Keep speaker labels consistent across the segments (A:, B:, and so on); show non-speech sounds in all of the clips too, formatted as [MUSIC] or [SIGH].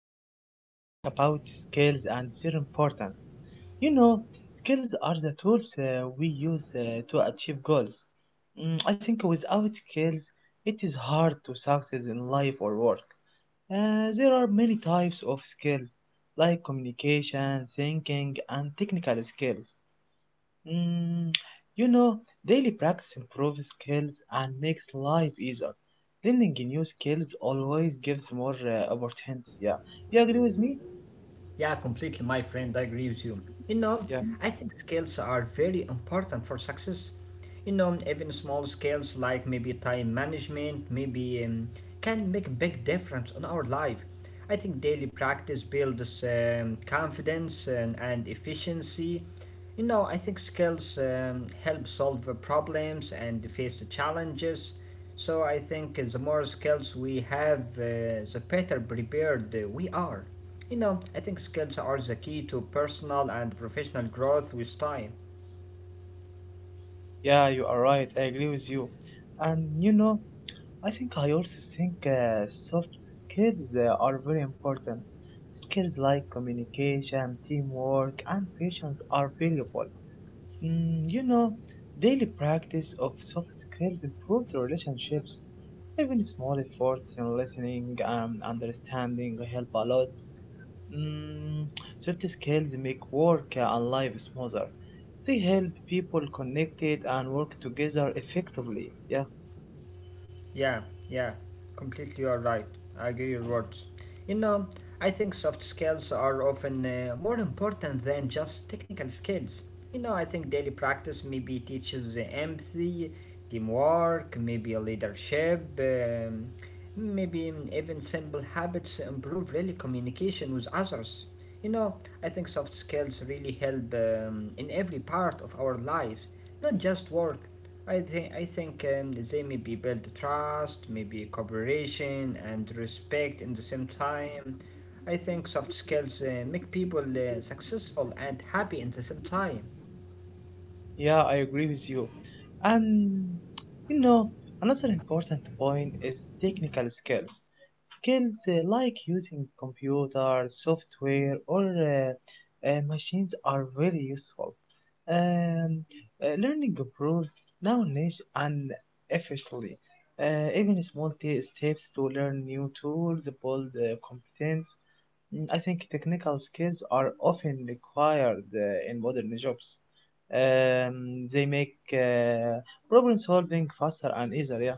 A: today I want to talk about skills and their importance. You know, Skills are the tools we use to achieve goals. I think without skills, it is hard to succeed in life or work. There are many types of skills, like communication, thinking, and technical skills. Mm, you know, Daily practice improves skills and makes life easier. Learning new skills always gives more opportunities. Yeah, you agree with me?
B: Yeah, completely, my friend. I agree with you. You know,
A: Yeah,
B: I think skills are very important for success. You know, even small skills like maybe time management, maybe can make a big difference on our life. I think daily practice builds confidence and efficiency. You know, I think skills help solve the problems and face the challenges. So I think the more skills we have, the better prepared we are. You know, I think skills are the key to personal and professional growth with time.
A: yeah, you are right. I agree with you. And I also think soft skills are very important. Skills like communication, teamwork, and patience are valuable. Mm, you know, Daily practice of soft skills improves relationships. Even small efforts in listening and understanding help a lot. Mm, Soft skills make work and life smoother. They help people connected and work together effectively. Yeah.
B: Yeah, yeah, completely you're right. I agree your words. You know, I think soft skills are often more important than just technical skills. You know, I think daily practice maybe teaches empathy, teamwork, maybe leadership, maybe even simple habits improve really communication with others. You know, I think soft skills really help in every part of our lives, not just work. I think they maybe build trust, maybe cooperation and respect in the same time. I think soft skills make people successful and happy in the same time.
A: Yeah, I agree with you. And you know, another important point is technical skills. Skills like using computer, software, or machines are very useful. Um, Learning improves knowledge and efficiently. Even small steps to learn new tools build competence. I think technical skills are often required in modern jobs. They make problem solving faster and easier.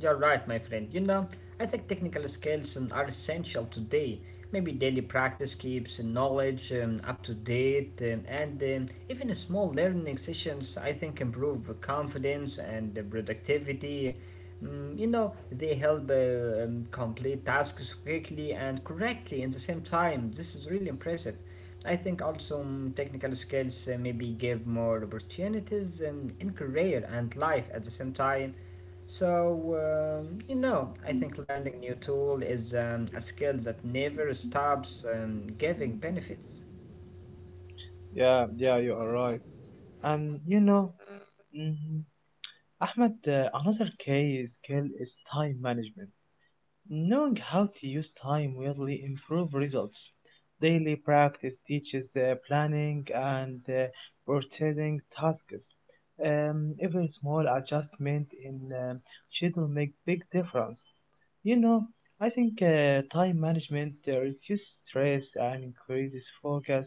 B: You're right, my friend. You know, I think technical skills are essential today. Maybe daily practice keeps knowledge up to date, and even small learning sessions, I think, improve confidence and productivity. Mm, you know, they help complete tasks quickly and correctly at the same time. This is really impressive. I think also technical skills maybe give more opportunities in career and life at the same time. So, you know, I think learning new tool is a skill that never stops giving benefits.
A: Yeah, yeah, yeah. You are right. Um, you know, mm Ahmed, another key skill is time management. Knowing how to use time will improve results. Daily practice teaches planning and prioritizing tasks. Even small adjustment in schedule make big difference. You know, I think time management reduces stress and increases focus.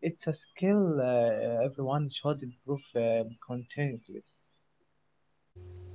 A: It's a skill everyone should improve continuously.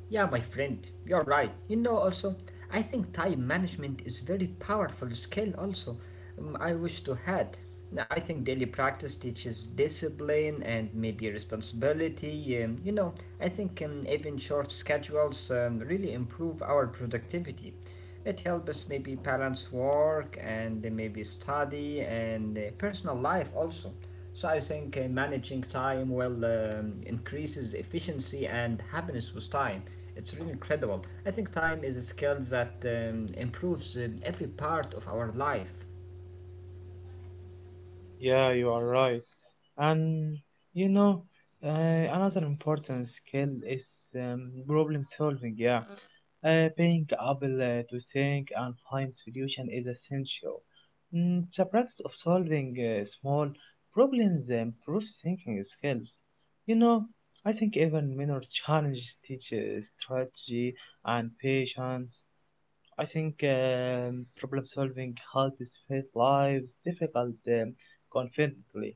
B: Yeah, my friend, you're right. You know, also, I think time management is very powerful skill. Also, I wish to had. Now, I think daily practice teaches discipline and maybe responsibility. You know, I think even short schedules really improve our productivity. It helps us maybe balance work and maybe study and personal life also. So I think managing time well increases efficiency and happiness with time. It's really incredible. I think time is a skill that improves every part of our life.
A: Yeah, you are right. And you know, another important skill is um, problem solving. Yeah, being able to think and find solution is essential. The practice of solving small problems improves thinking skills. You know, I think even minor challenges teach strategy and patience. I think problem solving helps face lives difficult confidently.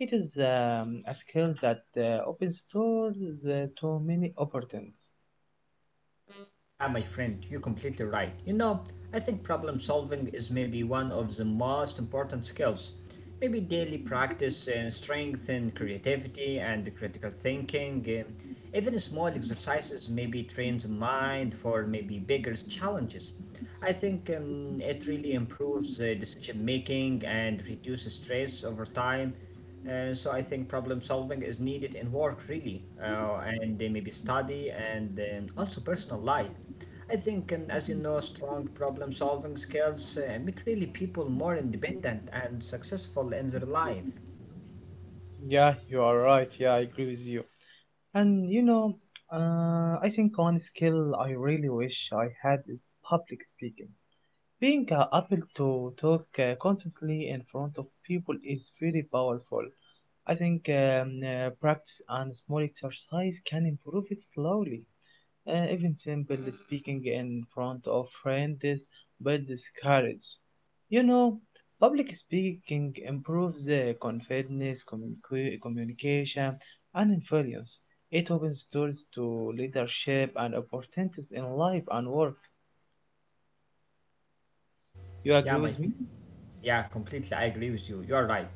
A: It is a skill that opens doors to many opportunities.
B: Yeah, my friend, you're completely right. You know, I think problem solving is maybe one of the most important skills. Maybe daily practice strengthen creativity and critical thinking. Even small exercises maybe trains the mind for maybe bigger challenges. I think it really improves decision making and reduces stress over time. So I think problem solving is needed in work really, and maybe study and also personal life. I think, as you know, strong problem solving skills make really people more independent and successful in their life.
A: Yeah, you are right. Yeah, I agree with you. And I think one skill I really wish I had is public speaking. Being able to talk confidently in front of people is very powerful. I think practice and small exercise can improve it slowly. Even simple speaking in front of friends builds courage. You know, Public speaking improves confidence, communication, and influence. It opens doors to leadership and opportunities in life and work. You agree
B: Yeah, my
A: with
B: friend.
A: me?
B: Yeah, completely. I agree with you. You're right.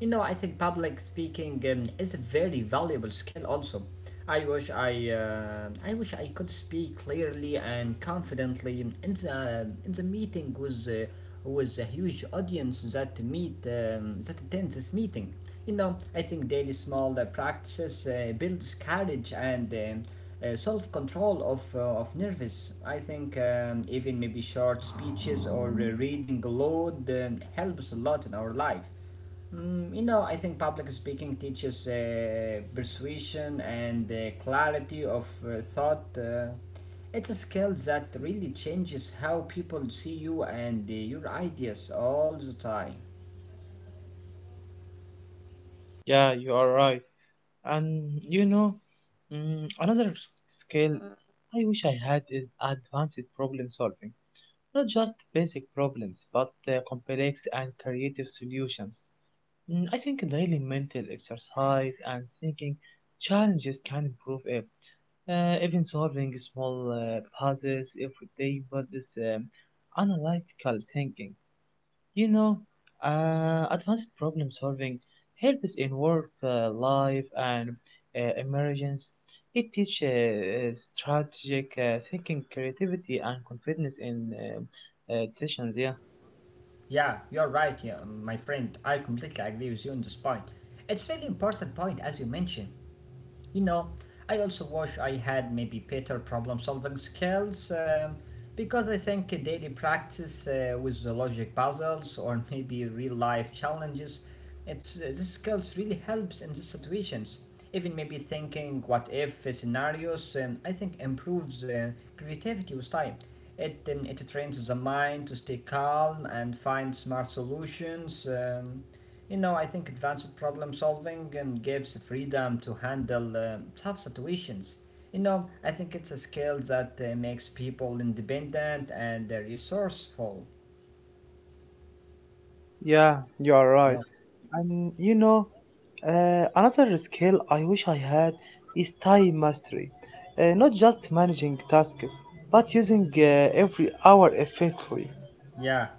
B: You know, I think public speaking is a very valuable skill. Also, I wish I could speak clearly and confidently in the meeting with a huge audience that meet that attends this meeting. You know, I think daily small practices builds courage and self control of nervous. I think even maybe short speeches or reading aloud helps a lot in our life. Mm, you know, I think public speaking teaches persuasion and clarity of thought. It's a skill that really changes how people see you and your ideas all the time.
A: Yeah, you are right. And another skill I wish I had is advanced problem solving. Not just basic problems, but complex and creative solutions. I think daily mental exercise and thinking challenges can improve it. Even solving small puzzles every day, but this um, analytical thinking. You know, Advanced problem solving helps in work, life, and emergence. It teaches strategic thinking, creativity, and confidence in decisions. Yeah.
B: Yeah, you're right, yeah, my friend. I completely agree with you on this point. It's really important point as you mentioned. You know, I also wish I had maybe better problem solving skills because I think a daily practice with the logic puzzles or [LAUGHS] maybe real life challenges, it's this skills really helps in these situations. Even maybe thinking what if scenarios, I think improves creativity with time. It trains the mind to stay calm and find smart solutions. You know, I think advanced problem solving gives freedom to handle tough situations. You know, I think it's a skill that makes people independent and resourceful.
A: Yeah, you are
B: Yeah.
A: right. And another skill I wish I had is time mastery. Not just managing tasks, but using every hour effectively.
B: Yeah,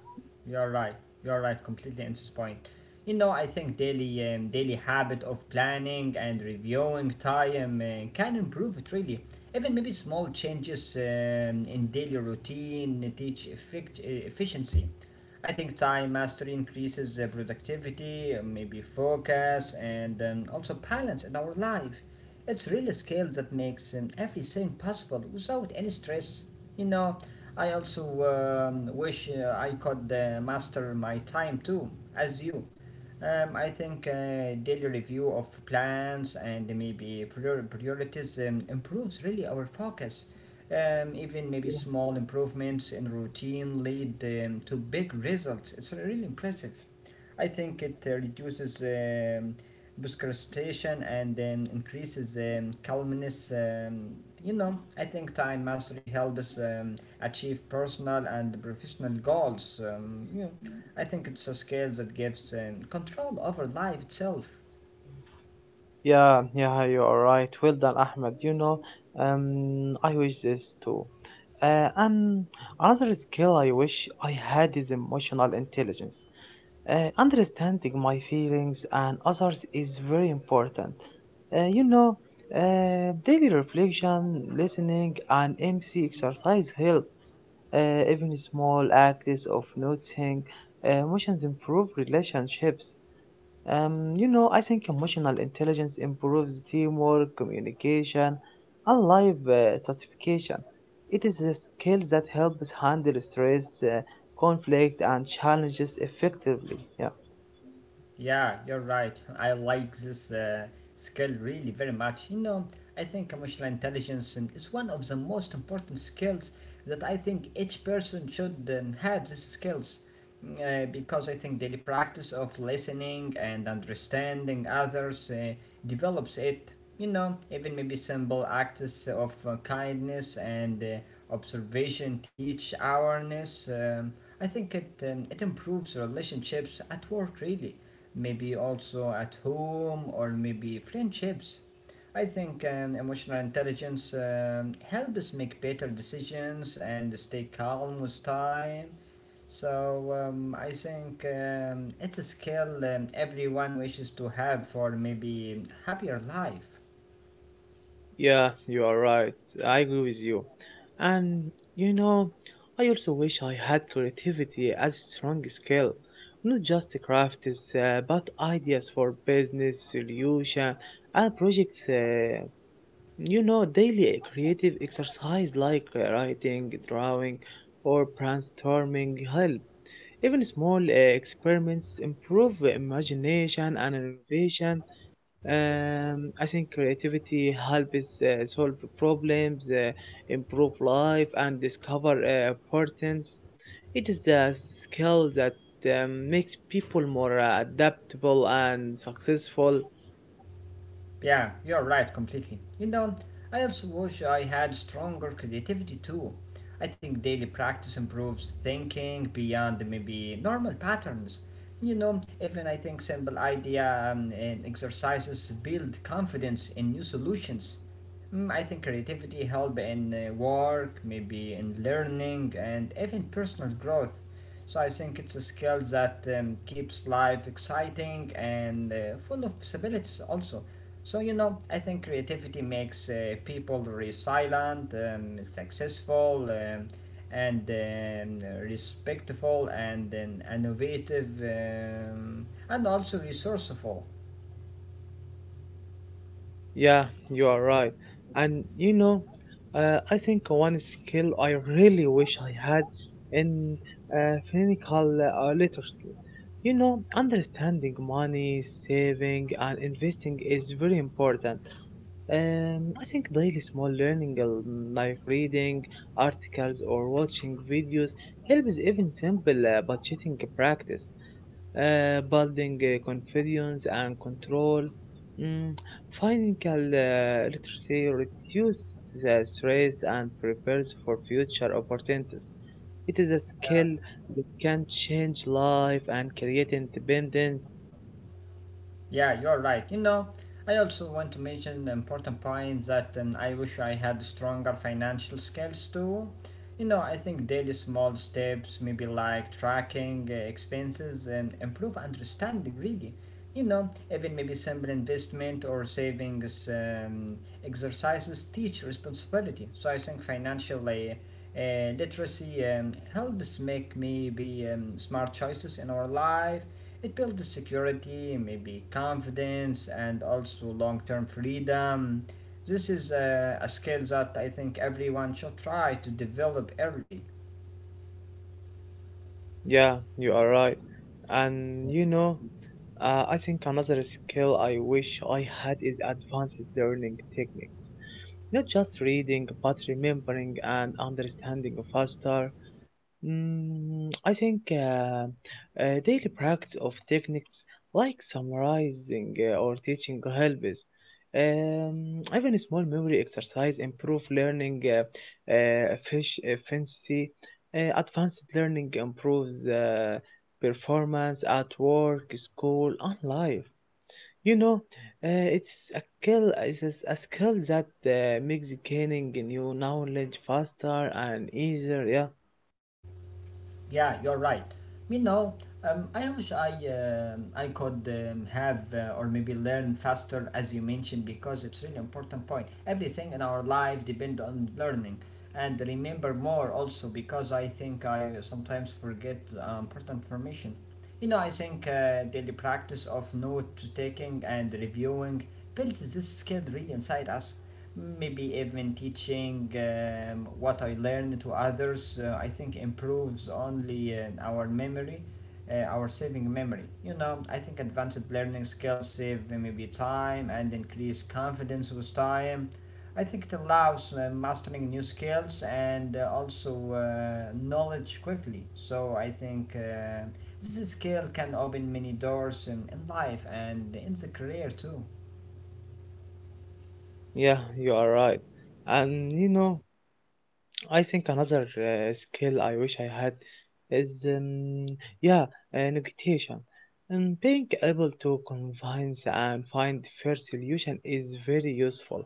B: you're right. You're right. Completely into this point. You know, I think daily daily habit of planning and reviewing time can improve it really. Even maybe small changes in daily routine teach efficiency. I think time mastery increases productivity, maybe focus, and also balance in our life. It's really a skill that makes everything possible without any stress. You know, I also wish I could master my time too, as you. I think daily review of plans and maybe priorities improves really our focus. Even maybe small improvements in routine lead to big results. It's really impressive. I think it reduces procrastination and increases calmness. You know, I think time mastery helps achieve personal and professional goals. You know, I think it's a skill that gives control over life itself.
A: Yeah, yeah, you are right. Well done, Ahmed. I wish this too. And another skill I wish I had is emotional intelligence. Understanding my feelings and others is very important. Uh, you know, Daily reflection, listening, and empathy exercise help. Even small acts of noticing emotions improve relationships. I think emotional intelligence improves teamwork, communication, and life satisfaction. It is a skill that helps handle stress, conflict, and challenges effectively. Yeah.
B: Yeah, you're right. I like this skill really very much. You know, I think emotional intelligence is one of the most important skills that I think each person should have these skills. Because I think daily practice of listening and understanding others develops it. You know, even maybe simple acts of kindness and observation teach awareness. I think it improves relationships at work really maybe also at home or maybe friendships. I think emotional intelligence helps make better decisions and stay calm with time. So I think it's a skill everyone wishes to have for maybe happier life.
A: Yeah, you are right. I agree with you. And you know, I also wish I had creativity as a strong skill, not just crafts, but ideas for business solution and projects. Daily creative exercise like writing, drawing, or brainstorming help. Even small experiments improve imagination and innovation. I think creativity helps solve problems, improve life, and discover importance. It is the skill that makes people more adaptable and successful.
B: Yeah, you're right completely. You know, I also wish I had stronger creativity too. I think daily practice improves thinking beyond maybe normal patterns. You know, even I think simple idea and exercises build confidence in new solutions. Mm, I think creativity help in work, maybe in learning, and even personal growth. So I think it's a skill that keeps life exciting and full of possibilities also. So you know, I think creativity makes people resilient, successful, and respectful, and innovative, and also resourceful.
A: Yeah, you are right.
B: Yeah.
A: And I think one skill I really wish I had in clinical literacy. Understanding money, saving, and investing is very important. I think daily small learning like reading articles or watching videos helps. Even simple budgeting practice, building confidence and control, mm, Financial literacy reduces stress and prepares for future opportunities. It is a skill that can change life and create independence.
B: Yeah, you're right. You know, I also want to mention the important point that I wish I had stronger financial skills too. You know, I think daily small steps, maybe like tracking expenses, and improve understanding really. You know, even maybe simple investment or savings exercises teach responsibility. So I think financial literacy helps make maybe smart choices in our life it builds security, maybe confidence, and also long term freedom. This is a skill that I think everyone should try to develop early.
A: Yeah, you are right. And I think another skill I wish I had is advanced learning techniques. Not just reading, but remembering and understanding faster. I think daily practice of techniques like summarizing or teaching helps. Even small memory exercise improve learning efficiency. Advanced learning improves performance at work, school, and life. You know, it's a skill. It's a skill that makes gaining new knowledge faster and easier. Yeah.
B: Yeah, you're right. You know, I wish I could have or maybe learn faster, as you mentioned, because it's really important point. Everything in our life depend on learning, and remember more also because I think I sometimes forget important information. You know, I think daily practice of note taking and reviewing builds this skill really inside us maybe even teaching what I learned to others, I think improves only our memory, our saving memory. You know, I think advanced learning skills save maybe time and increase confidence with time. I think it allows mastering new skills and also knowledge quickly. So I think this skill can open many doors in life and in the career too.
A: Yeah, you are right. And I think another skill I wish I had is, yeah, negotiation. And being able to convince and find fair solution is very useful.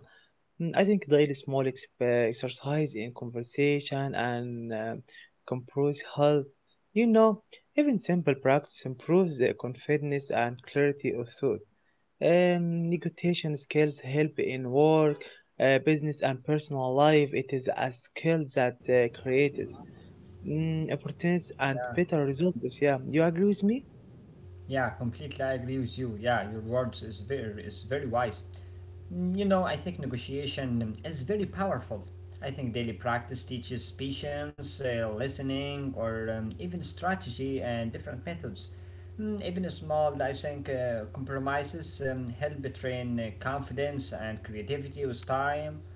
A: I think daily small exercise in conversation and compromise help. You know, Even simple practice improves the confidence and clarity of thought. Negotiation skills help in work, business, and personal life. It is a skill that creates opportunities and better results. Yeah, you agree with me?
B: Yeah, completely I agree with you. Yeah, your words is very wise. Mm, you know, I think negotiation is very powerful. I think daily practice teaches patience, listening, or even strategy and different methods. Mm, even small, I think, compromises help train confidence and creativity with time.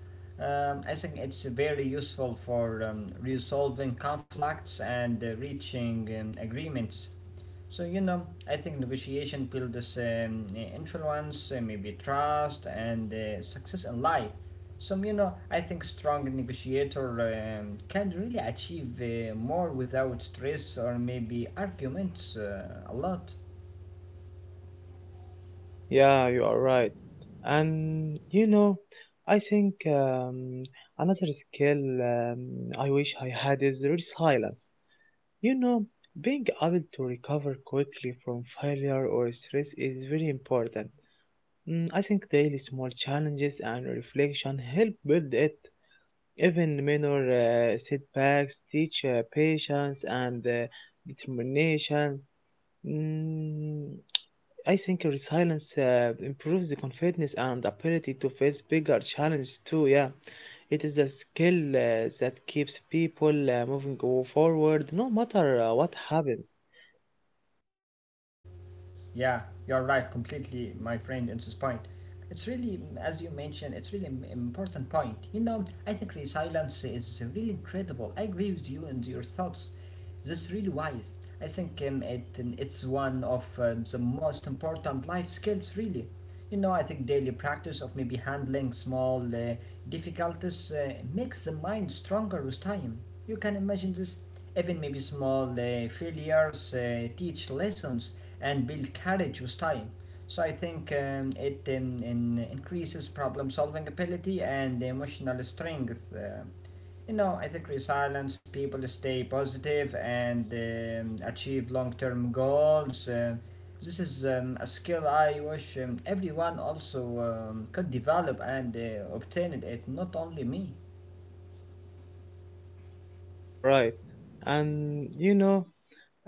B: I think it's very useful for resolving conflicts and reaching agreements. So you know, I think negotiation builds this influence, maybe trust, and success in life. So you know, I think strong negotiator can really achieve more without stress or maybe arguments a lot.
A: Yeah, you are right. And I think another skill I wish I had is resilience. You know, Being able to recover quickly from failure or stress is very important. I think daily small challenges and reflection help build it. Even minor setbacks teach patience and determination. Mm, I think resilience improves the confidence and ability to face bigger challenges too. Yeah, it is a skill that keeps people moving forward no matter what happens.
B: Yeah, you're right, completely, my friend, in this point. It's really, as you mentioned, it's really important point. You know, I think resilience is really incredible. I agree with you and your thoughts. This is really wise. I think it's one of the most important life skills, really. You know, I think daily practice of maybe handling small difficulties makes the mind stronger with time. You can imagine this. Even maybe small failures teach lessons and build courage with time. So I think it in increases problem solving ability and emotional strength. You know, I think resilience, people stay positive and achieve long term goals. This is a skill I wish everyone also could develop and obtain it, not only me.
A: Yeah, you are right. And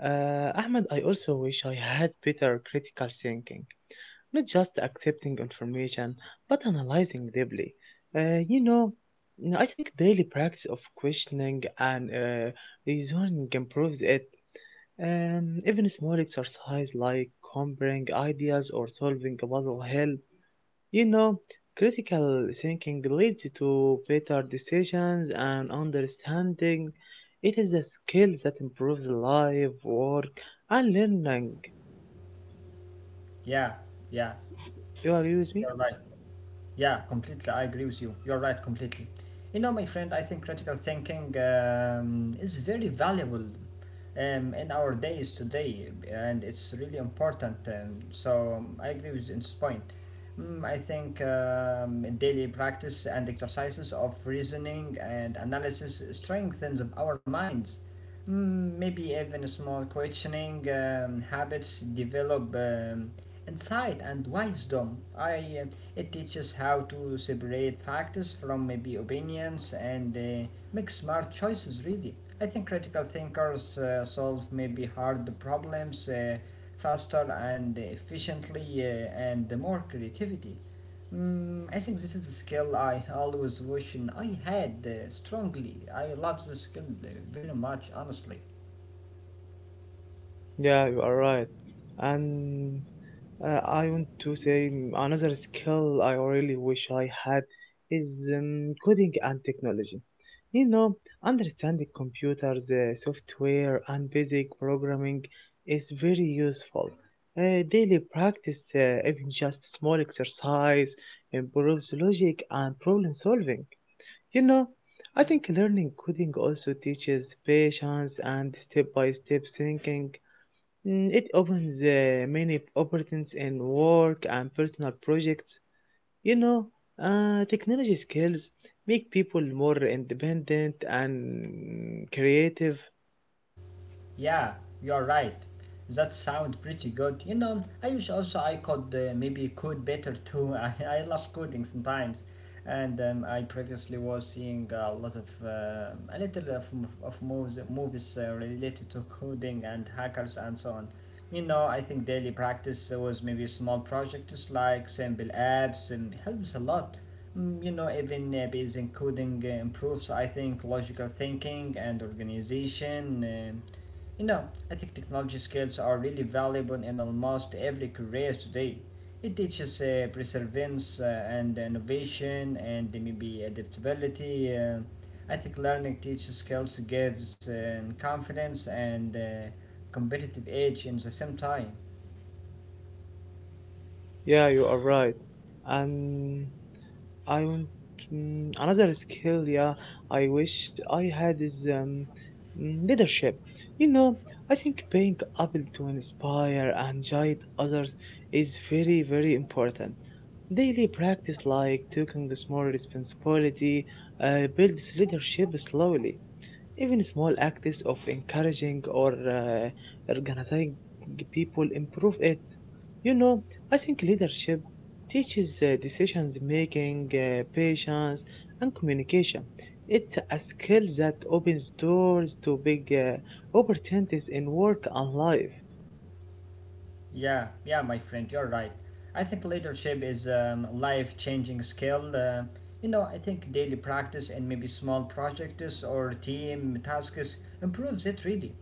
A: Ahmed, I also wish I had better critical thinking, not just accepting information, but analyzing deeply. Uh, you know, I think daily practice of questioning and reasoning improves it. Even small exercise like comparing ideas or solving a puzzle help. You know, Critical thinking leads to better decisions and understanding. It is a skill that improves life, work, and learning.
B: Yeah, yeah,
A: You agree with me?
B: you're right. Yeah, completely. I agree with you. You're right, completely. You know, my friend, I think critical thinking is very valuable in our days today, and it's really important. So I agree with you in this point. Mm, I think daily practice and exercises of reasoning and analysis strengthens our minds. Mm, maybe even small questioning habits develop insight and wisdom. I It teaches how to separate facts from maybe opinions and make smart choices, really. I think critical thinkers solve maybe hard problems faster and efficiently and more creativity. Mm, I think this is a skill I always wish I had strongly. I love this skill very much, honestly.
A: Yeah, you are right. And I want to say another skill I really wish I had is coding and technology. You know, Understanding computers, software, and basic programming is very useful. Daily practice, even just small exercise, improves logic and problem solving. You know, I think learning coding also teaches patience and step by step thinking. It opens many opportunities in work and personal projects. You know, Technology skills make people more independent and creative.
B: Yeah, you're right. That sounds pretty good. You know, I wish also I could maybe code better too. [LAUGHS] I love coding sometimes. And I previously was seeing a little of movies related to coding and hackers and so on. You know, I think daily practice was maybe small projects like simple apps and helps a lot. Mm, you know, even basic coding improves, I think, logical thinking and organization. You know, I think technology skills are really valuable in almost every career today. It teaches perseverance and innovation and maybe adaptability. I think learning teaches skills gives confidence and competitive edge in the same time.
A: Yeah, you are right. And I want another skill. Yeah, I wish I had is leadership. You know, I think being able to inspire and guide others is very, very important. Daily practice, like taking small responsibility, builds leadership slowly. Even small acts of encouraging or organizing people improve it. You know, I think leadership teaches decisions making, patience, and communication. It's a skill that opens doors to big opportunities in work and life.
B: Yeah, my friend, you're right. I think leadership is a life changing skill. You know, I think daily practice and maybe small projects or team tasks improves it really.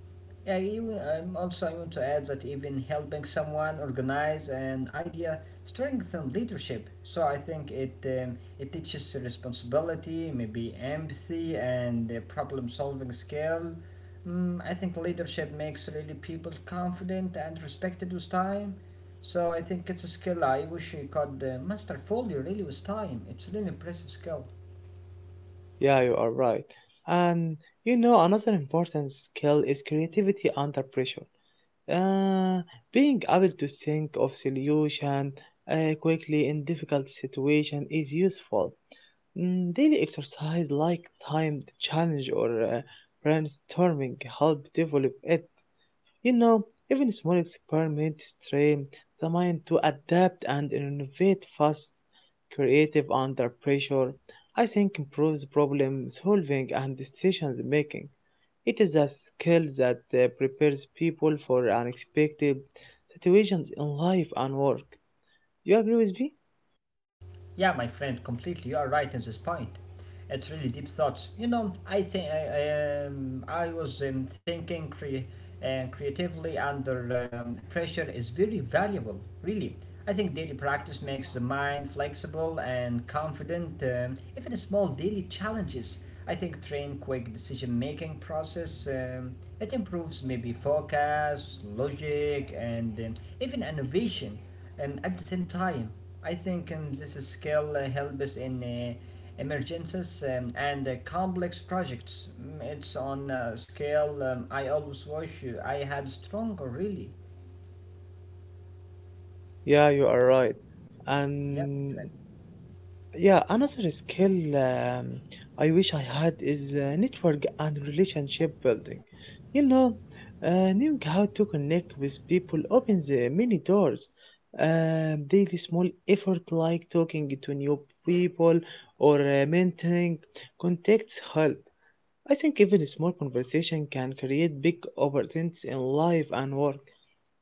B: Yeah, you, also, I want to add that even helping someone organize an idea strengthens leadership. So I think it teaches responsibility, maybe empathy, and problem solving skill. Mm, I think leadership makes really people confident and respected with time. So I think it's a skill I wish you could master fully, really, with time. It's really impressive skill.
A: Yeah, you are right. And another important skill is creativity under pressure. Uh, Being able to think of solution quickly in difficult situation is useful. Daily exercise like timed challenge or brainstorming help develop it. You know, Even small experiments train the mind to adapt and innovate fast, creative under pressure. I think improves problem solving and decision making. It is a skill that prepares people for unexpected situations in life and work. You agree with me?
B: Yeah, my friend, completely. You are right in this point. It's really deep thoughts. You know, I think I was thinking cre- creatively under pressure is very valuable. Really, I think daily practice makes the mind flexible and confident. Even small daily challenges, I think train quick decision making process. It improves maybe focus, logic, and even innovation at the same time. I think this skill helps in emergencies and complex projects. Mm, it's on a scale I always wish I had stronger, really.
A: Yeah, you are right.
B: Yeah.
A: And, yeah, another skill I wish I had is network and relationship building. You know, Knowing how to connect with people opens many doors. Daily small effort like talking to new people or mentoring contacts help. I think even a small conversation can create big opportunities in life and work.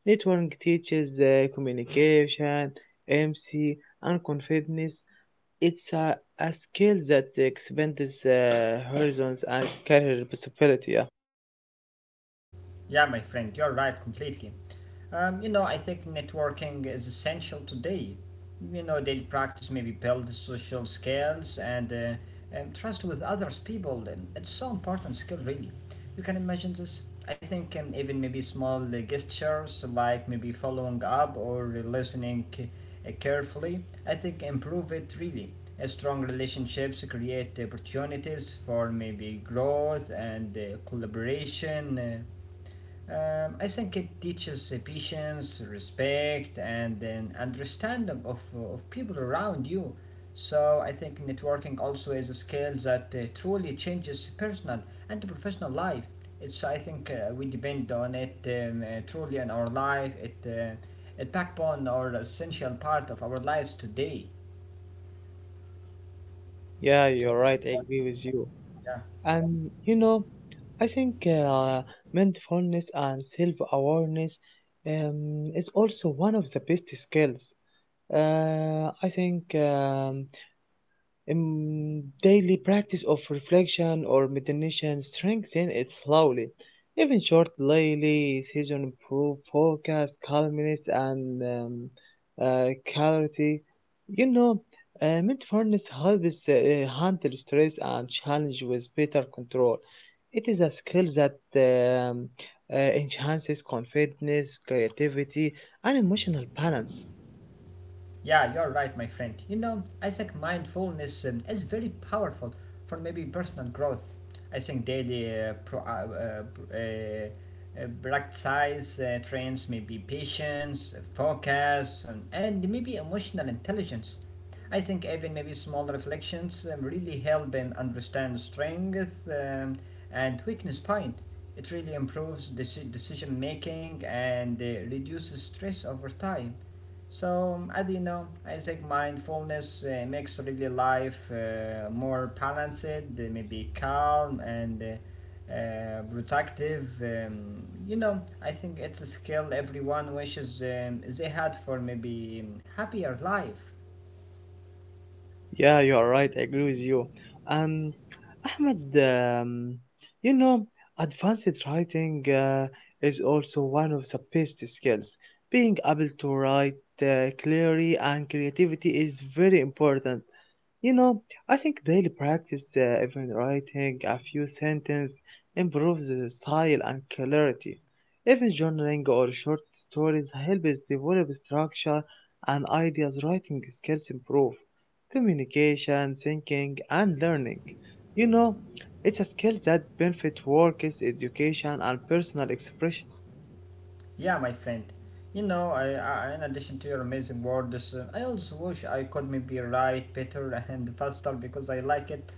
A: Networking teaches communication, empathy, and confidence. It's a skill that expands horizons and career possibility. Yeah,
B: Yeah, my friend, you're right completely. You know, I think networking is essential today. You know, daily practice maybe build social skills and trust with others people. It's so important skill, really. You can imagine this. I think even maybe small gestures like maybe following up or listening carefully, I think improve it really. Strong relationships create opportunities for maybe growth and collaboration. I think it teaches patience, respect, and an understanding of people around you. So I think networking also is a skill that truly changes personal and professional life. It's I think we depend on it truly in our life. It a backbone or essential part of our lives today.
A: yeah, you're
B: So
A: right. I agree with you.
B: yeah.
A: And I think mindfulness and self-awareness is also one of the best skills. I think. Daily practice of reflection or meditation strengthens it slowly. Even short daily sessions improve focus, calmness, and clarity. You know, mindfulness helps handle stress and challenge with better control. It is a skill that enhances confidence, creativity, and emotional balance.
B: Yeah, you're right, my friend. You know, I think mindfulness is very powerful for maybe personal growth. I think daily uh, uh, practice trains maybe patience, focus, and maybe emotional intelligence. I think even maybe small reflections really help them understand strength and weakness point. It really improves decision making and reduces stress over time. So I don't know. I think mindfulness makes really life more balanced, maybe calm and protective. You know, I think it's a skill everyone wishes they had for maybe happier life.
A: Yeah, you are right. I agree with you. Um, Ahmed, you know, advanced writing is also one of the best skills. Being able to write clearly and creativity is very important. You know, I think daily practice, even writing a few sentences, improves the style and clarity. Even journaling or short stories help us develop structure and ideas. Writing skills improve communication, thinking, and learning. You know, it's a skill that benefits work, is education, and personal expression.
B: Yeah, my friend. You know, I, in addition to your amazing words, I also wish I could maybe write better [LAUGHS] and faster because I like it.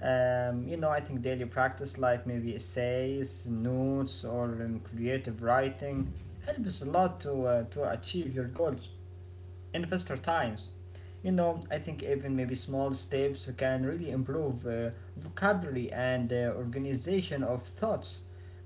B: You know, I think daily practice, like maybe essays, notes, or creative writing, helps a lot to achieve your goals investor times. You know, I think even maybe small steps can really improve vocabulary and organization of thoughts.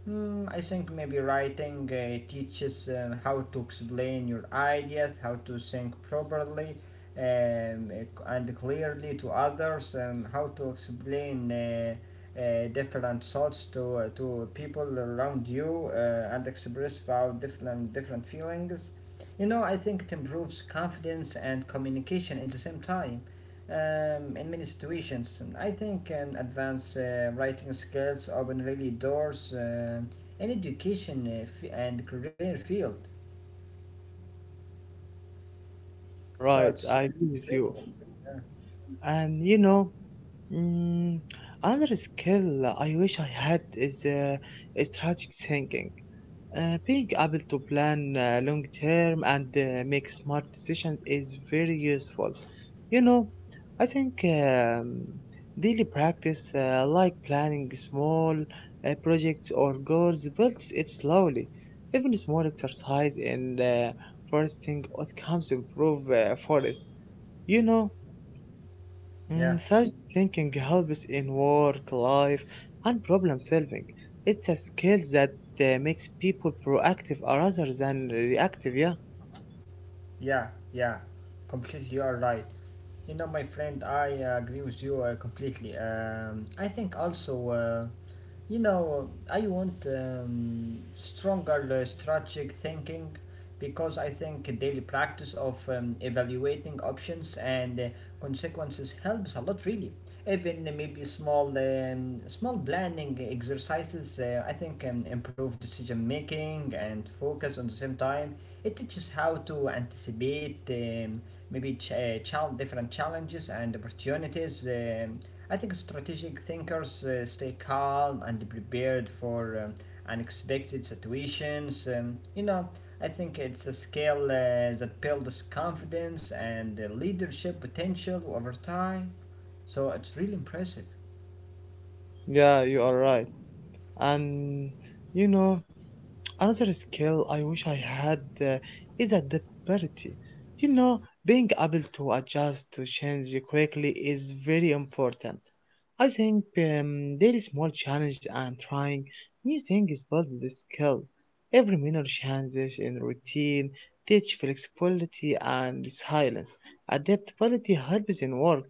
B: Mm, I think maybe writing teaches how to explain your ideas, how to think properly um, and clearly to others, how to explain different thoughts to people around you and express about different feelings. You know, I think it improves confidence and communication at the same time. In many situations, I think advanced writing skills open really doors in education and career field.
A: Yeah, you are
B: So
A: right.
B: it's
A: I agree with
B: incredible.
A: you.
B: Yeah,
A: And you know, mm, another skill I wish I had is strategic thinking. Being able to plan long term and make smart decisions is very useful. You know, I think daily practice, like planning small projects or goals, builds it slowly. Even small exercise in foresting outcomes improve forest. You know,
B: yeah,
A: mm, such thinking helps in work, life, and problem solving. It's a skill that makes people proactive rather than reactive, yeah?
B: yeah, yeah. Completely, you are right. You know, my friend, I agree with you completely. I think also. You know, I want stronger strategic thinking because I think daily practice of evaluating options and consequences helps a lot, really. Even maybe small, small planning exercises, I think, improve decision making and focus on the same time. It teaches how to anticipate maybe different challenges and opportunities. I think strategic thinkers stay calm and prepared for unexpected situations. You know, I think it's a skill that builds confidence and leadership potential over time. So it's really impressive.
A: Yeah, you are right. And you know, another skill I wish I had is adaptability. You know, being able to adjust to change quickly is very important. I think daily small challenges and trying new things build this skill. Every minor changes in routine teach flexibility and resilience. Adaptability helps in work.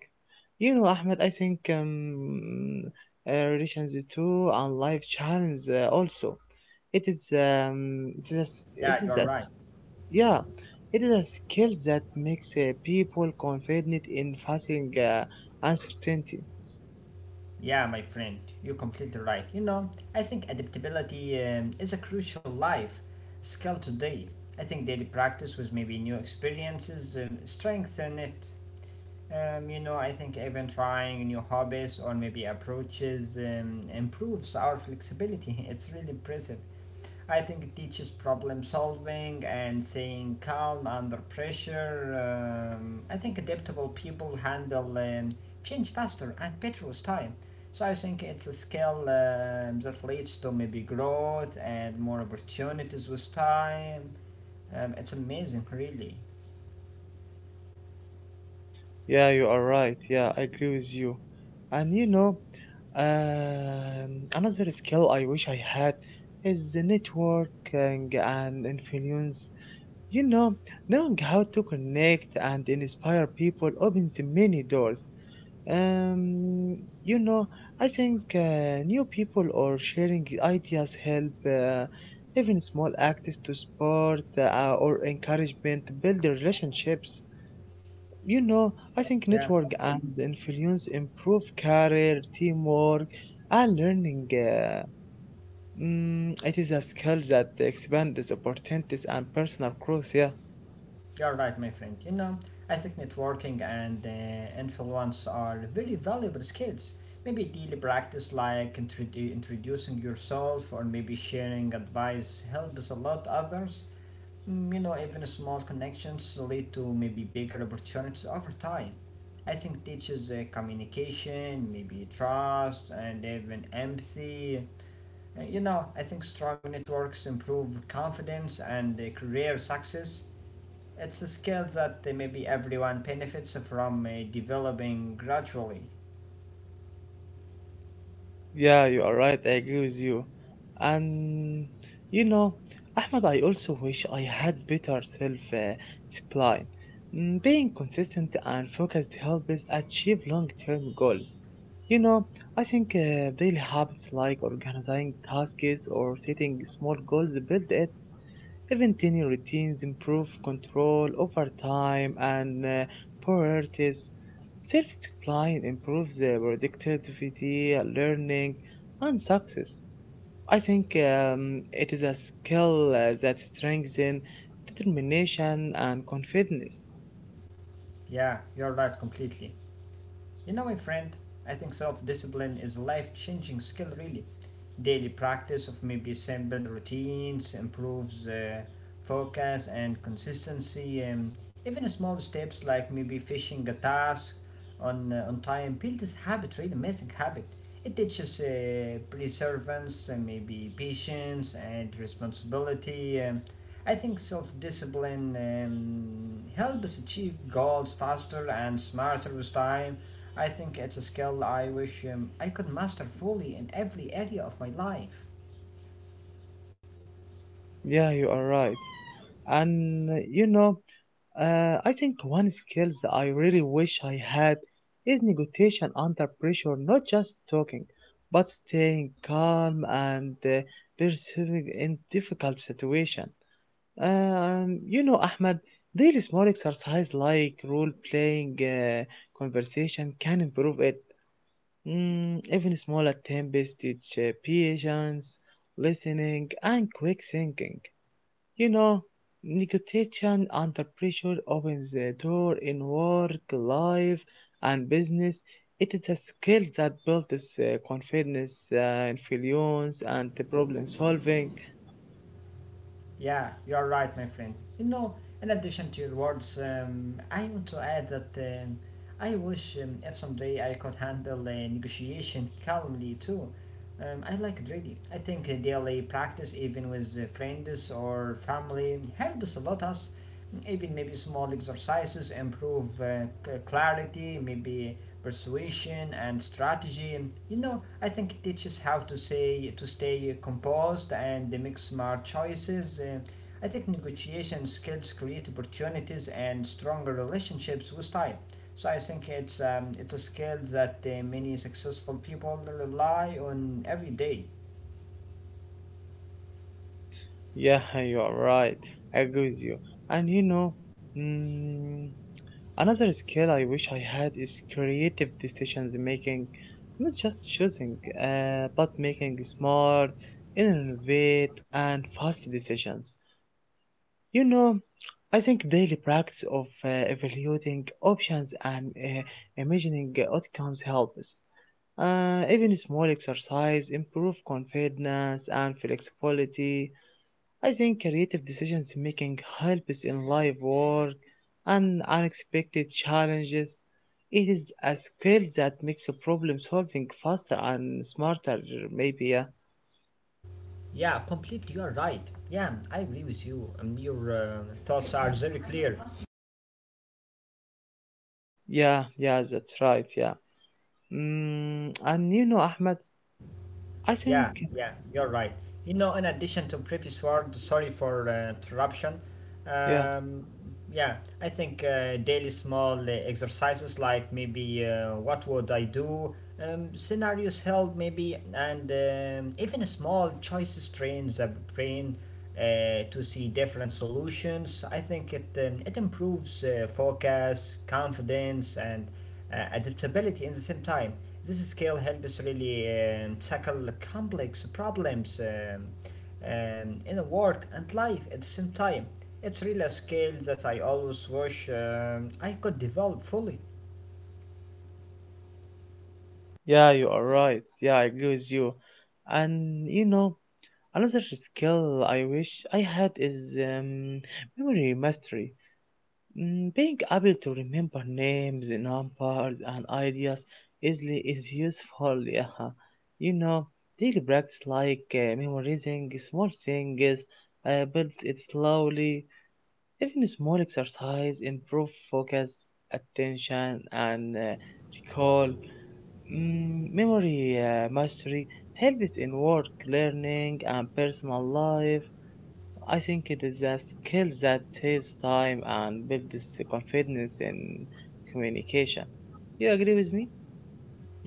A: You know, Ahmed, I think relations too and life challenges also. It is a, s-
B: Yeah,
A: it
B: you're
A: is
B: right.
A: a, yeah, it is a skill that makes people confident in facing uncertainty.
B: Yeah, my friend, you're completely right. You know, I think adaptability is a crucial life skill today. I think daily practice with maybe new experiences strengthen it. You know, I think even trying new hobbies or maybe approaches improves our flexibility. [LAUGHS] It's really impressive. I think it teaches problem solving and staying calm under pressure. I think adaptable people handle change faster and better with time. So I think it's a skill that leads to maybe growth and more opportunities with time. It's amazing, really.
A: Yeah, you are right. Yeah, I agree with you. And you know, another skill I wish I had is the networking and influence. You know, knowing how to connect and inspire people opens many doors. Um, you know, I think new people or sharing ideas help even small acts to support or encouragement build the relationships. You know, I think
B: Yeah.
A: network and influence improve career, teamwork, and learning. It is a skill that expands opportunities and personal growth. Yeah.
B: You're right, my friend. You know, I think networking and influence are very valuable skills. Maybe daily practice like introducing yourself or maybe sharing advice helps a lot others. Mm, you know, even small connections lead to maybe bigger opportunities over time. I think teaches communication, maybe trust, and even empathy. You know, I think strong networks improve confidence and career success. It's a skill that maybe everyone benefits from developing gradually.
A: Yeah, you are right. I agree with you. And you know, Ahmed, I also wish I had better self discipline. Mm, being consistent and focused helps us achieve long term goals. You know, I think daily habits like organizing tasks or setting small goals build it. Even tiny routines improve control over time and priorities. Self-discipline improves productivity, learning, and success. I think it is a skill that strengthens determination and confidence.
B: Yeah, you're right completely. You know, my friend, I think self discipline is a life changing skill, really. Daily practice of maybe simple routines improves focus and consistency. Even small steps like maybe finishing a task on time build this habit, really amazing habit. It teaches perseverance and maybe patience and responsibility. I think self discipline helps us achieve goals faster and smarter with time. I think it's a skill I wish I could master fully in every area of my life.
A: Yeah, you are right. And you know, I think one skills I really wish I had is negotiation under pressure, not just talking, but staying calm and persevering in difficult situation. You know, Ahmed, daily small exercise like role playing conversation can improve it. Mm, even small attempts teach patience, listening, and quick thinking. You know, negotiation under pressure opens the door in work, life, and business. It is a skill that builds confidence, influence, and the problem solving.
B: Yeah, you're right, my friend. You know, in addition to your words, I want to add that I wish if someday I could handle negotiation calmly too. I like it really. I think daily practice, even with friends or family, helps a lot us. Even maybe small exercises improve clarity, maybe persuasion and strategy. You know, I think it teaches how to say to stay composed and make smart choices. I think negotiation skills create opportunities and stronger relationships with time. So I think it's a skill that many successful people rely on every day.
A: Yeah, [LAUGHS] you are right. I agree with you. And you know, mm, another skill I wish I had is creative decisions making. Not just choosing, but making smart, innovative, and fast decisions. You know, I think daily practice of evaluating options and imagining outcomes helps. Even small exercise improve confidence and flexibility. I think creative decisions making helps in life work and unexpected challenges. It is a skill that makes problem solving faster and smarter. Maybe yeah,
B: Yeah, completely. You are right. Yeah, I agree with you. Your thoughts are very clear.
A: yeah, yeah that's right. Yeah. Mm, and you know, Ahmed, I
B: Yeah,
A: think
B: yeah, you're right. You know, in addition to previous word, sorry for interruption.
A: yeah,
B: Um, yeah, I think daily small exercises like maybe what would I do, scenarios help maybe, and even small choices trains the brain to see different solutions. I think it improves focus, confidence, and adaptability in the same time. This skill helps really tackle complex problems in work and life at the same time. It's really a skill that I always wish I could develop fully.
A: yeah, you are right. Yeah, I agree with you. And you know, another skill I wish I had is memory mastery. Mm, being able to remember names, numbers, and ideas easily is useful. Yeah, you know, daily practice like memorizing small things builds it slowly. Even small exercise improve focus, attention, and recall. Mm, memory mastery helps in work learning and personal life. I think it is a skill that saves time and builds confidence in communication. You agree with me?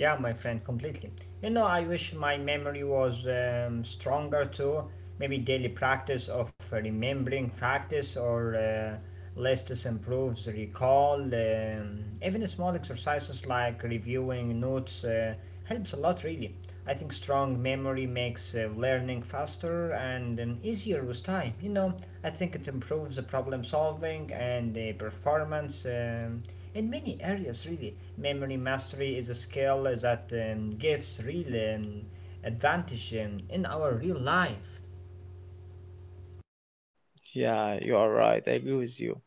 B: Yeah, my friend, completely. You know, I wish my memory was stronger too. Maybe daily practice of remembering facts or lists improves recall. Even small exercises like reviewing notes helps a lot, really. I think strong memory makes learning faster and easier with time. You know, I think it improves the problem solving and the performance. In many areas really memory mastery is a skill that gives real advantage in our real life.
A: Yeah, you are right. I agree with you.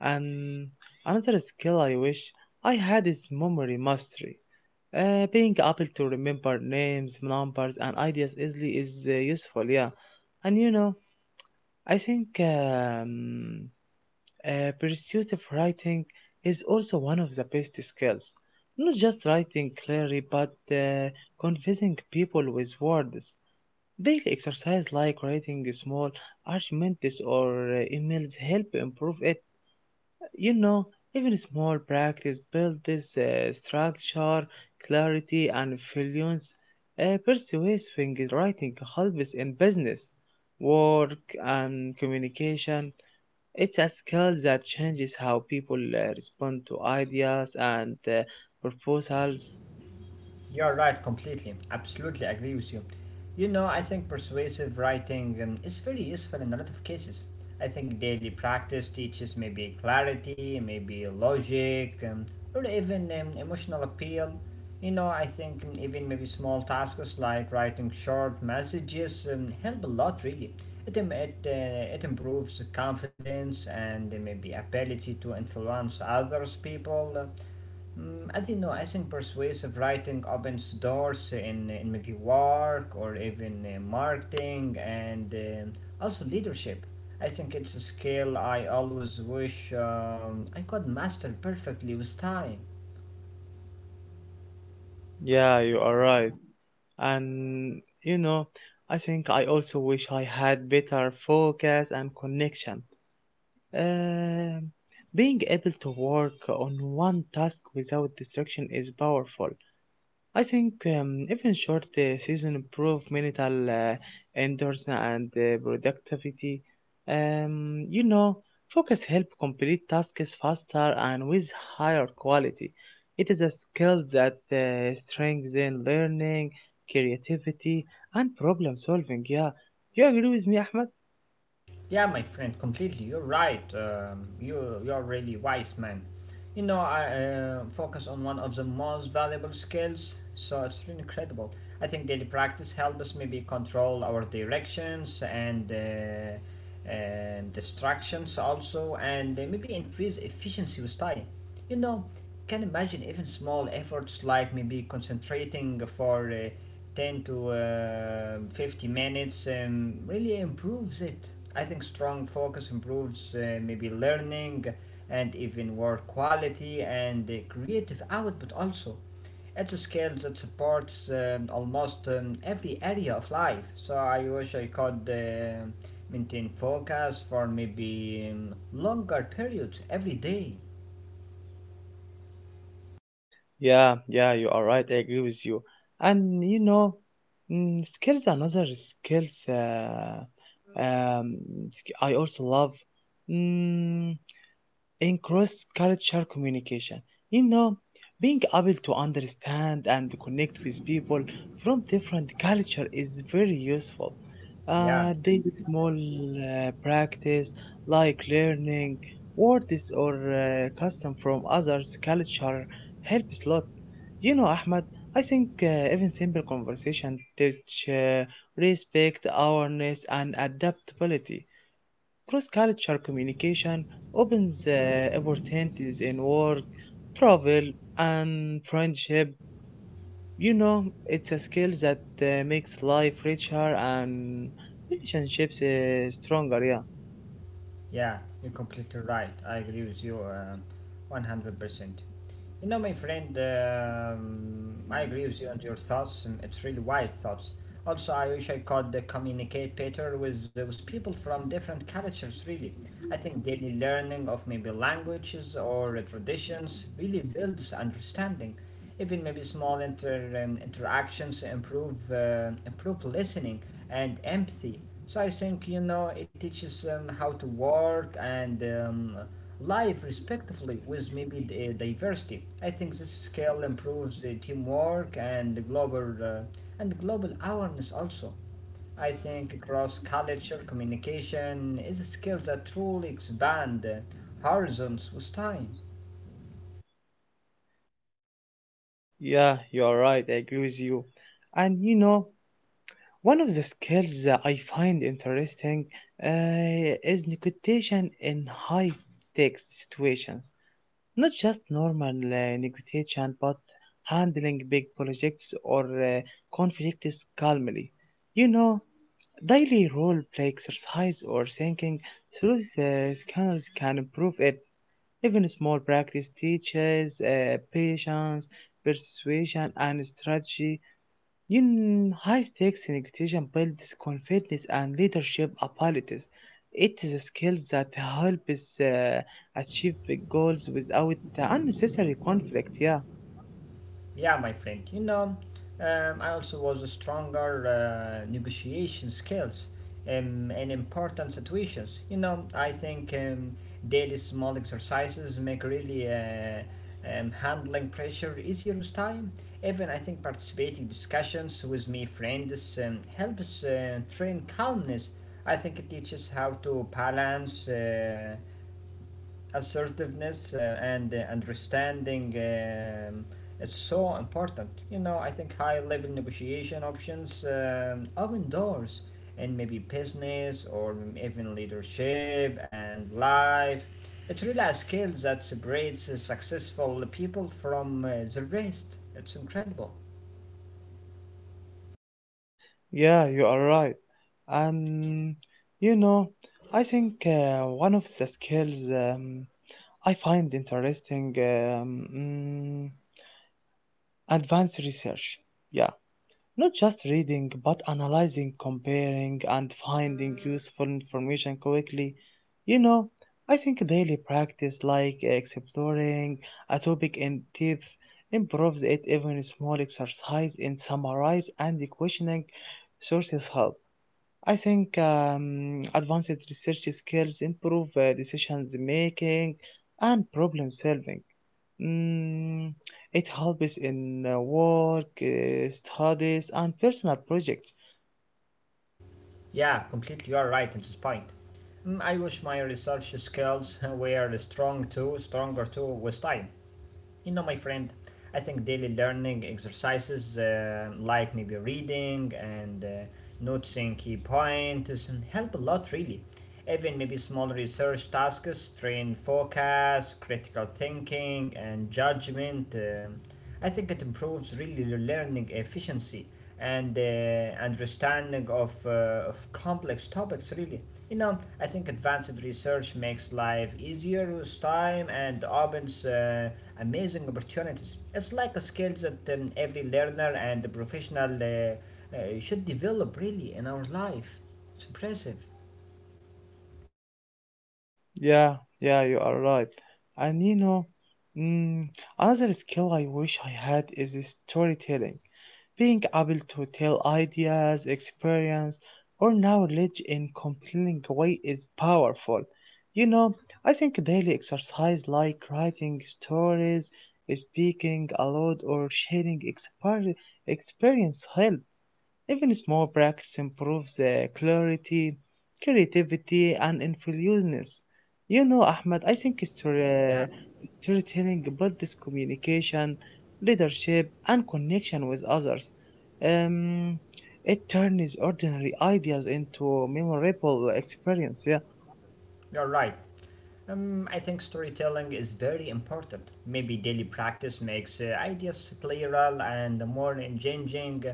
A: And another skill I wish I had is memory mastery. Being able to remember names, numbers, and ideas easily is useful, yeah. And you know, I think pursuit of writing is also one of the best skills. Not just writing clearly, but convincing people with words. Daily exercise like writing small arguments or emails help improve it. You know, even small practice build this structure, clarity, and influence. Persuasive writing helps in business, work, and communication. It's a skill that changes how people respond to ideas and proposals.
B: You're right, completely. Absolutely agree with you. You know, I think persuasive writing is very useful in a lot of cases. I think daily practice teaches maybe clarity, maybe logic, or even emotional appeal. You know, I think even maybe small tasks like writing short messages help a lot, really. It improves confidence and maybe ability to influence others people. Mm, I don't know. I think persuasive writing opens doors in maybe work or even marketing and also leadership. I think it's a skill I always wish I could master perfectly with time.
A: Yeah, you are right. And you know, I think I also wish I had better focus and connection. Um being able to work on one task without distraction is powerful. I think even short season improve mental endurance and productivity. You know, focus help complete tasks faster and with higher quality. It is a skill that strengthens learning, creativity, and problem solving. Yeah, do you agree with me, Ahmed?
B: Yeah, my friend, completely. You're right. You're really wise man. You know, I focus on one of the most valuable skills, so it's really incredible. I think daily practice helps us maybe control our directions and distractions also, and maybe increase efficiency with time. You know, can imagine even small efforts like maybe concentrating for 10 to 50 minutes really improves it. I think strong focus improves maybe learning and even work quality and creative output also. It's a skill that supports almost every area of life. So I wish I could maintain focus for maybe longer periods every day.
A: Yeah, you are right. I agree with you. And you know, mm, skills another skills. Um, sk- I also love, mm, in cross-cultural communication. You know, being able to understand and connect with people from different culture is very useful.
B: Yeah.
A: Daily small practice like learning words or custom from others' culture helps a lot. You know, Ahmad, I think even simple conversation teach respect, awareness, and adaptability. Cross-cultural communication opens opportunities in work, travel, and friendship. You know, it's a skill that makes life richer and relationships stronger. Yeah,
B: Yeah, you're completely right. I agree with you 100%. You know, my friend, I agree with you on your thoughts, and it's really wise thoughts. Also, I wish I could communicate better with people from different cultures, really. I think daily learning of maybe languages or traditions really builds understanding. Even maybe small interactions improve listening and empathy. So I think you know it teaches them how to work and live respectively with maybe the diversity. I think this skill improves the teamwork and the global awareness also. I think cross culture communication is a skill that truly expand horizons with time.
A: yeah, you're right. I agree with you. And you know, one of the skills that I find interesting is negotiation in high stakes situations. Not just normal negotiation, but handling big projects or conflicts calmly. You know, daily role play exercise or thinking through the scanners can improve it. Even small practice teaches patience, persuasion, and strategy in high stakes negotiation builds confidence and leadership abilities. It is a skill that helps achieve big goals without unnecessary conflict. Yeah.
B: Yeah, my friend, you know, I also was a stronger negotiation skills in important situations. You know, I think daily small exercises make really handling pressure easier with time. Even I think participating discussions with me friends helps train calmness. I think it teaches how to balance. Assertiveness and understanding it's so important. You know, I think high level negotiation options open doors in maybe business or even leadership and life. It's really a skill that separates successful people from the rest. It's incredible.
A: Yeah, you are right. Um, you know, I think one of the skills I find interesting, advanced research. Yeah. Not just reading, but analyzing, comparing, and finding useful information quickly. You know, I think daily practice, like exploring a topic in depth, improves it. Even small exercise in summarize and questioning sources help. I think advanced research skills improve decision making and problem solving. Mm, it helps in work, studies, and personal projects.
B: Yeah, completely, you're right in this point. Mm, I wish my research skills [LAUGHS] stronger too with time. You know, my friend, I think daily learning exercises like maybe reading and noticing key points and help a lot really. Even maybe small research tasks train focus, critical thinking, and judgment. I think it improves really your learning efficiency and understanding of complex topics really. You know, I think advanced research makes life easier with time and opens amazing opportunities. It's like a skill that every learner and professional should develop really in our life. It's impressive.
A: Yeah, yeah, you are right. And you know, mm, another skill I wish I had is storytelling. Being able to tell ideas, experience, or knowledge in compelling way is powerful. You know, I think daily exercise like writing stories, speaking aloud, or sharing experience help. Even small practice improves clarity, creativity, and influence. You know, Ahmed, I think
B: Yeah.
A: storytelling builds communication, leadership, and connection with others. Um, it turns ordinary ideas into memorable experience. Yeah,
B: You're right. I think storytelling is very important. Maybe daily practice makes ideas clearer and more engaging.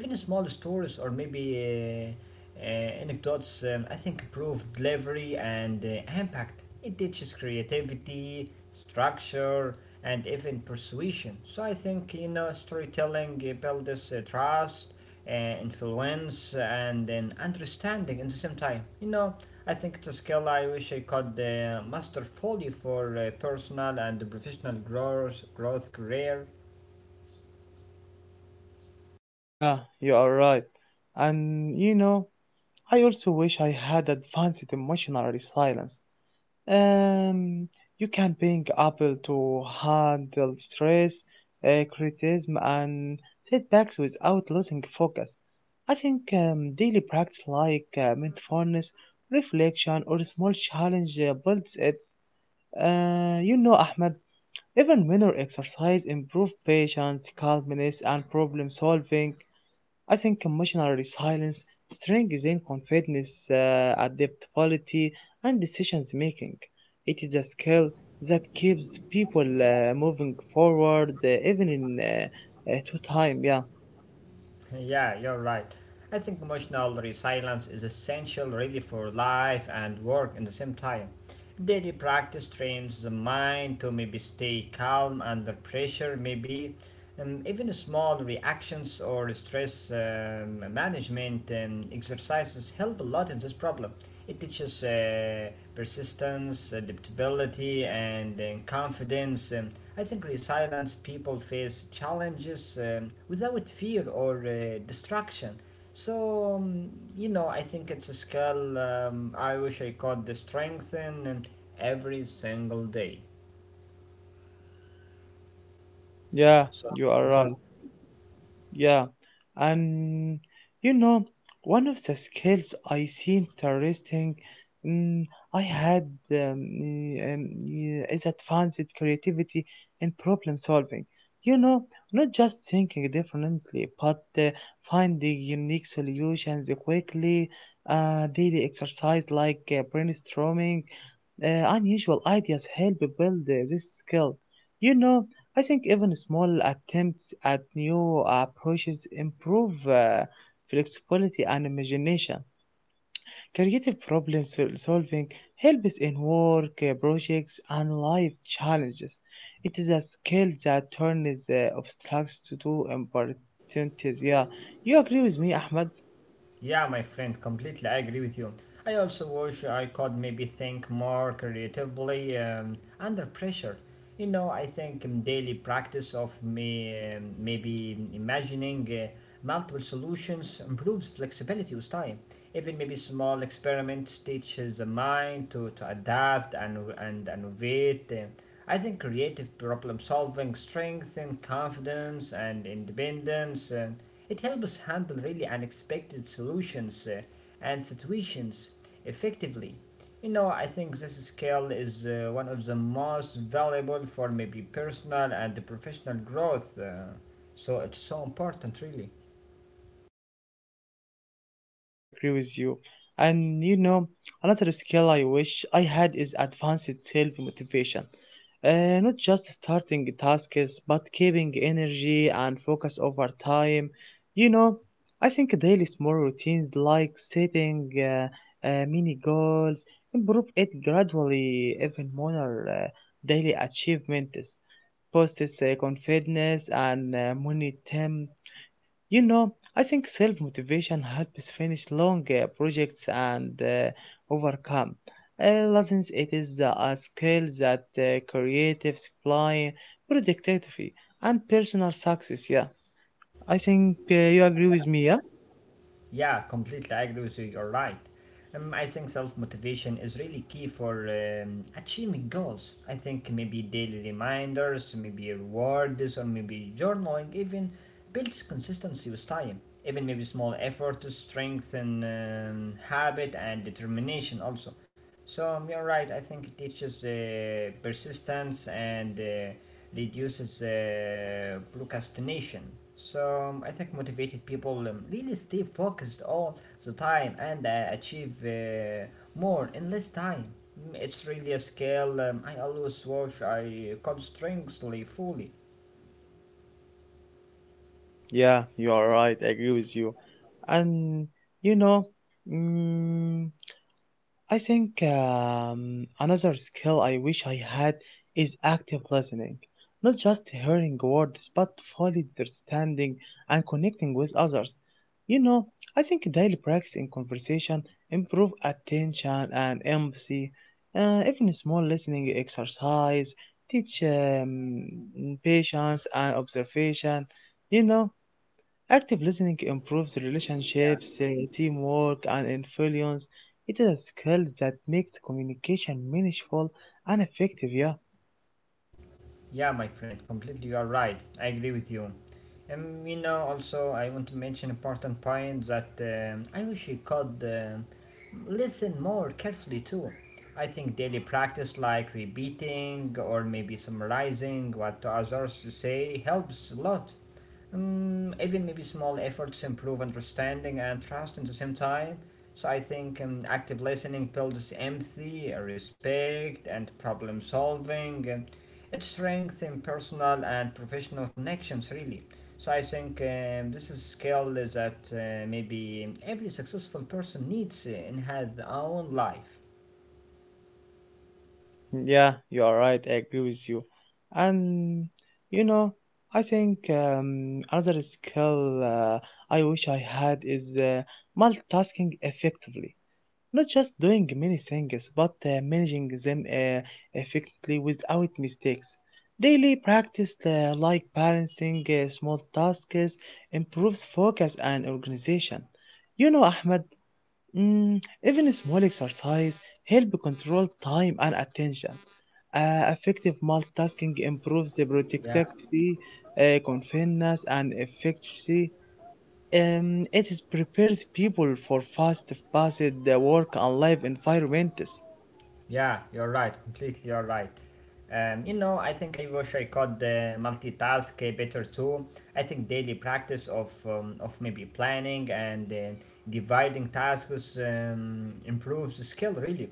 B: Even small stories or maybe uh, uh, anecdotes, I think, improve delivery and impact. It teaches creativity, structure, and even persuasion. So I think you know storytelling builds trust, influence, and then understanding in the same time. You know, I think it's a skill I wish I could master fully for personal and professional growth career.
A: yeah, you are right. And you know, I also wish I had advanced emotional resilience. Um, you can ping Apple to handle stress, criticism, and setbacks without losing focus. I think daily practice like mindfulness, reflection, or small challenge builds it. You know, Ahmed, even minor exercise improve patience, calmness, and problem solving. I think emotional resilience strengthens confidence, adaptability, and decisions making. It is a skill that keeps people moving forward even in two time. Yeah,
B: Yeah, you're right. I think emotional resilience is essential really for life and work in the same time. Daily practice trains the mind to maybe stay calm under pressure, maybe even small reactions or stress management exercises help a lot in this problem. It teaches persistence, adaptability, and confidence. I think resilience people face challenges without fear or distraction. So, you know, I think it's a skill I wish I could strengthen every single day.
A: yeah,
B: So
A: you are
B: important.
A: right. Yeah, and you know, one of the skills I see interesting, mm, I had is advanced creativity in problem solving. You know, not just thinking differently, but finding unique solutions quickly. Daily exercise like brainstorming unusual ideas help build this skill. You know, I think even small attempts at new approaches improve flexibility and imagination. Creative solving helps in work, projects, and life challenges. It is a skill that turns obstacles to do opportunities. Yeah, you agree with me, Ahmed?
B: Yeah, my friend, completely. I agree with you. I also wish I could maybe think more creatively under pressure. You know, I think daily practice of me maybe imagining multiple solutions improves flexibility with time. Even maybe small experiments teaches the mind to adapt and innovate. I think creative problem solving strengthens confidence and independence. And it helps us handle really unexpected solutions and situations effectively. You know, I think this skill is one of the most valuable for maybe personal and professional growth. So it's so important, really.
A: Yeah, I agree with you. And you know, another skill I wish I had is advanced self motivation. Not just starting tasks, but keeping energy and focus over time. You know, I think daily small routines like setting mini goals improve it gradually, even more uh, daily achievements. Boosts confidence and momentum. You know, I think self motivation helps finish long projects and overcome lessons. It is a skill that creatives apply productivity and personal success. Yeah, I think you agree with me. Yeah,
B: Yeah, completely I agree with you. You're right. I think self motivation is really key for achieving goals. I think maybe daily reminders, maybe rewards, or maybe journaling even builds consistency with time. Even maybe small effort to strengthen habit and determination also. So you're right. I think it teaches persistence and reduces procrastination. So I think motivated people really stay focused all the time and achieve more in less time. Mm, it's really a skill I always watch. I constantly fully.
A: yeah, you are right. I agree with you. And you know, mm, I think another skill I wish I had is active listening. Not just hearing words, but fully understanding and connecting with others. You know, I think daily practice in conversation improve attention and empathy. Even small listening exercise teach patience and observation. You know, active listening improves relationships, teamwork, and influence. It is a skill that makes communication meaningful and effective. Yeah,
B: Yeah, my friend, completely you are right. I agree with you. You know, also, I want to mention important point that I wish you could listen more carefully too. I think daily practice like repeating or maybe summarizing what others say helps a lot. Even maybe small efforts improve understanding and trust at the same time. So I think active listening builds empathy, respect, and problem solving. And it strengthens personal and professional connections, really. So I think this is a skill that maybe every successful person needs in her own life.
A: yeah, you are right. I agree with you. And you know, I think another skill I wish I had is multitasking effectively. Not just doing many things, but managing them effectively without mistakes. Daily practice, like balancing small tasks, improves focus and organization. You know, Ahmed, mm, even small exercise help control time and attention. Effective multitasking improves the
B: Yeah.
A: productivity, confidence, and efficiency. It is prepares people for fast paced work and life environments.
B: Yeah, you're right. Completely, you're right. You know, I think I wish I could multitask better too. I think daily practice of maybe planning and dividing tasks improves the skill really.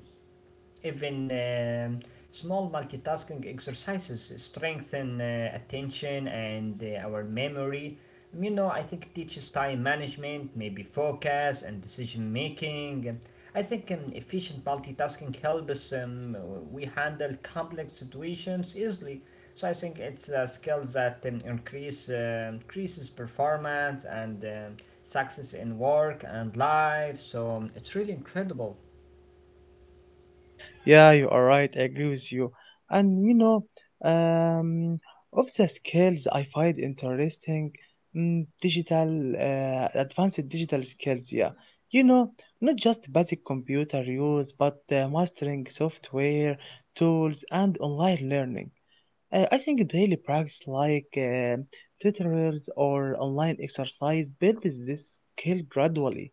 B: Even Small multitasking exercises strengthen attention and our memory. You know, I think it teaches time management, maybe focus and decision making. I think efficient multitasking helps we handle complex situations easily. So I think it's a skill that increases performance and success in work and life. So it's really incredible.
A: Yeah, you are right. I agree with you. And you know, um, of the skills I find interesting, advanced digital skills. Yeah, you know, not just basic computer use, but mastering software tools and online learning. I think daily practice like tutorials or online exercise builds this skill gradually.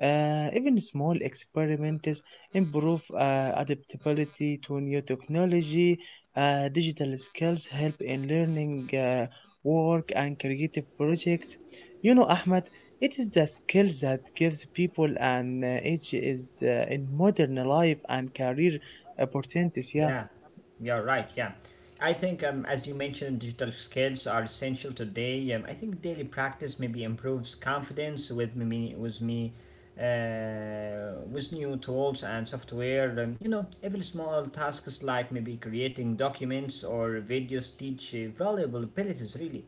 A: Even small experiments improve adaptability to new technology. Digital skills help in learning, work, and creative projects. You know, Ahmed, it is the skill that gives people an edge is in modern life and career opportunities. Yeah.
B: Yeah, you're right. Yeah, I think as you mentioned, digital skills are essential today. I think daily practice maybe improves confidence with me, with new tools and software. You know, even small tasks like maybe creating documents or videos teach valuable abilities. Really,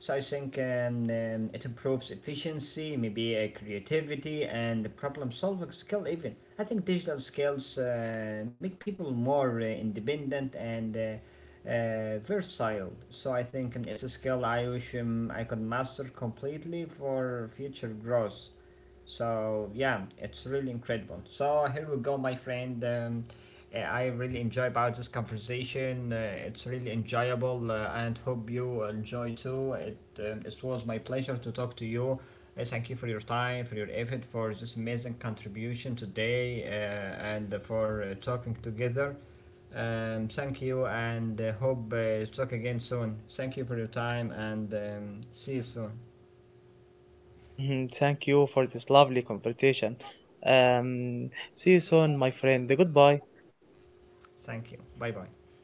B: so I think it improves efficiency, maybe creativity, and problem-solving skill. Even I think digital skills make people more independent and versatile. So I think it's a skill I wish I could master completely for future growth. So yeah, it's really incredible. So here we go, my friend. I really enjoy about this conversation. It's really enjoyable, and hope you enjoy too. It was my pleasure to talk to you. Thank you for your time, for your effort, for this amazing contribution today, and for talking together. Thank you, and hope talk again soon. Thank you for your time, and see you soon.
A: Yeah, mhm, thank you for this lovely conversation. Um, see you soon, my friend. Goodbye.
B: Thank you. Bye bye.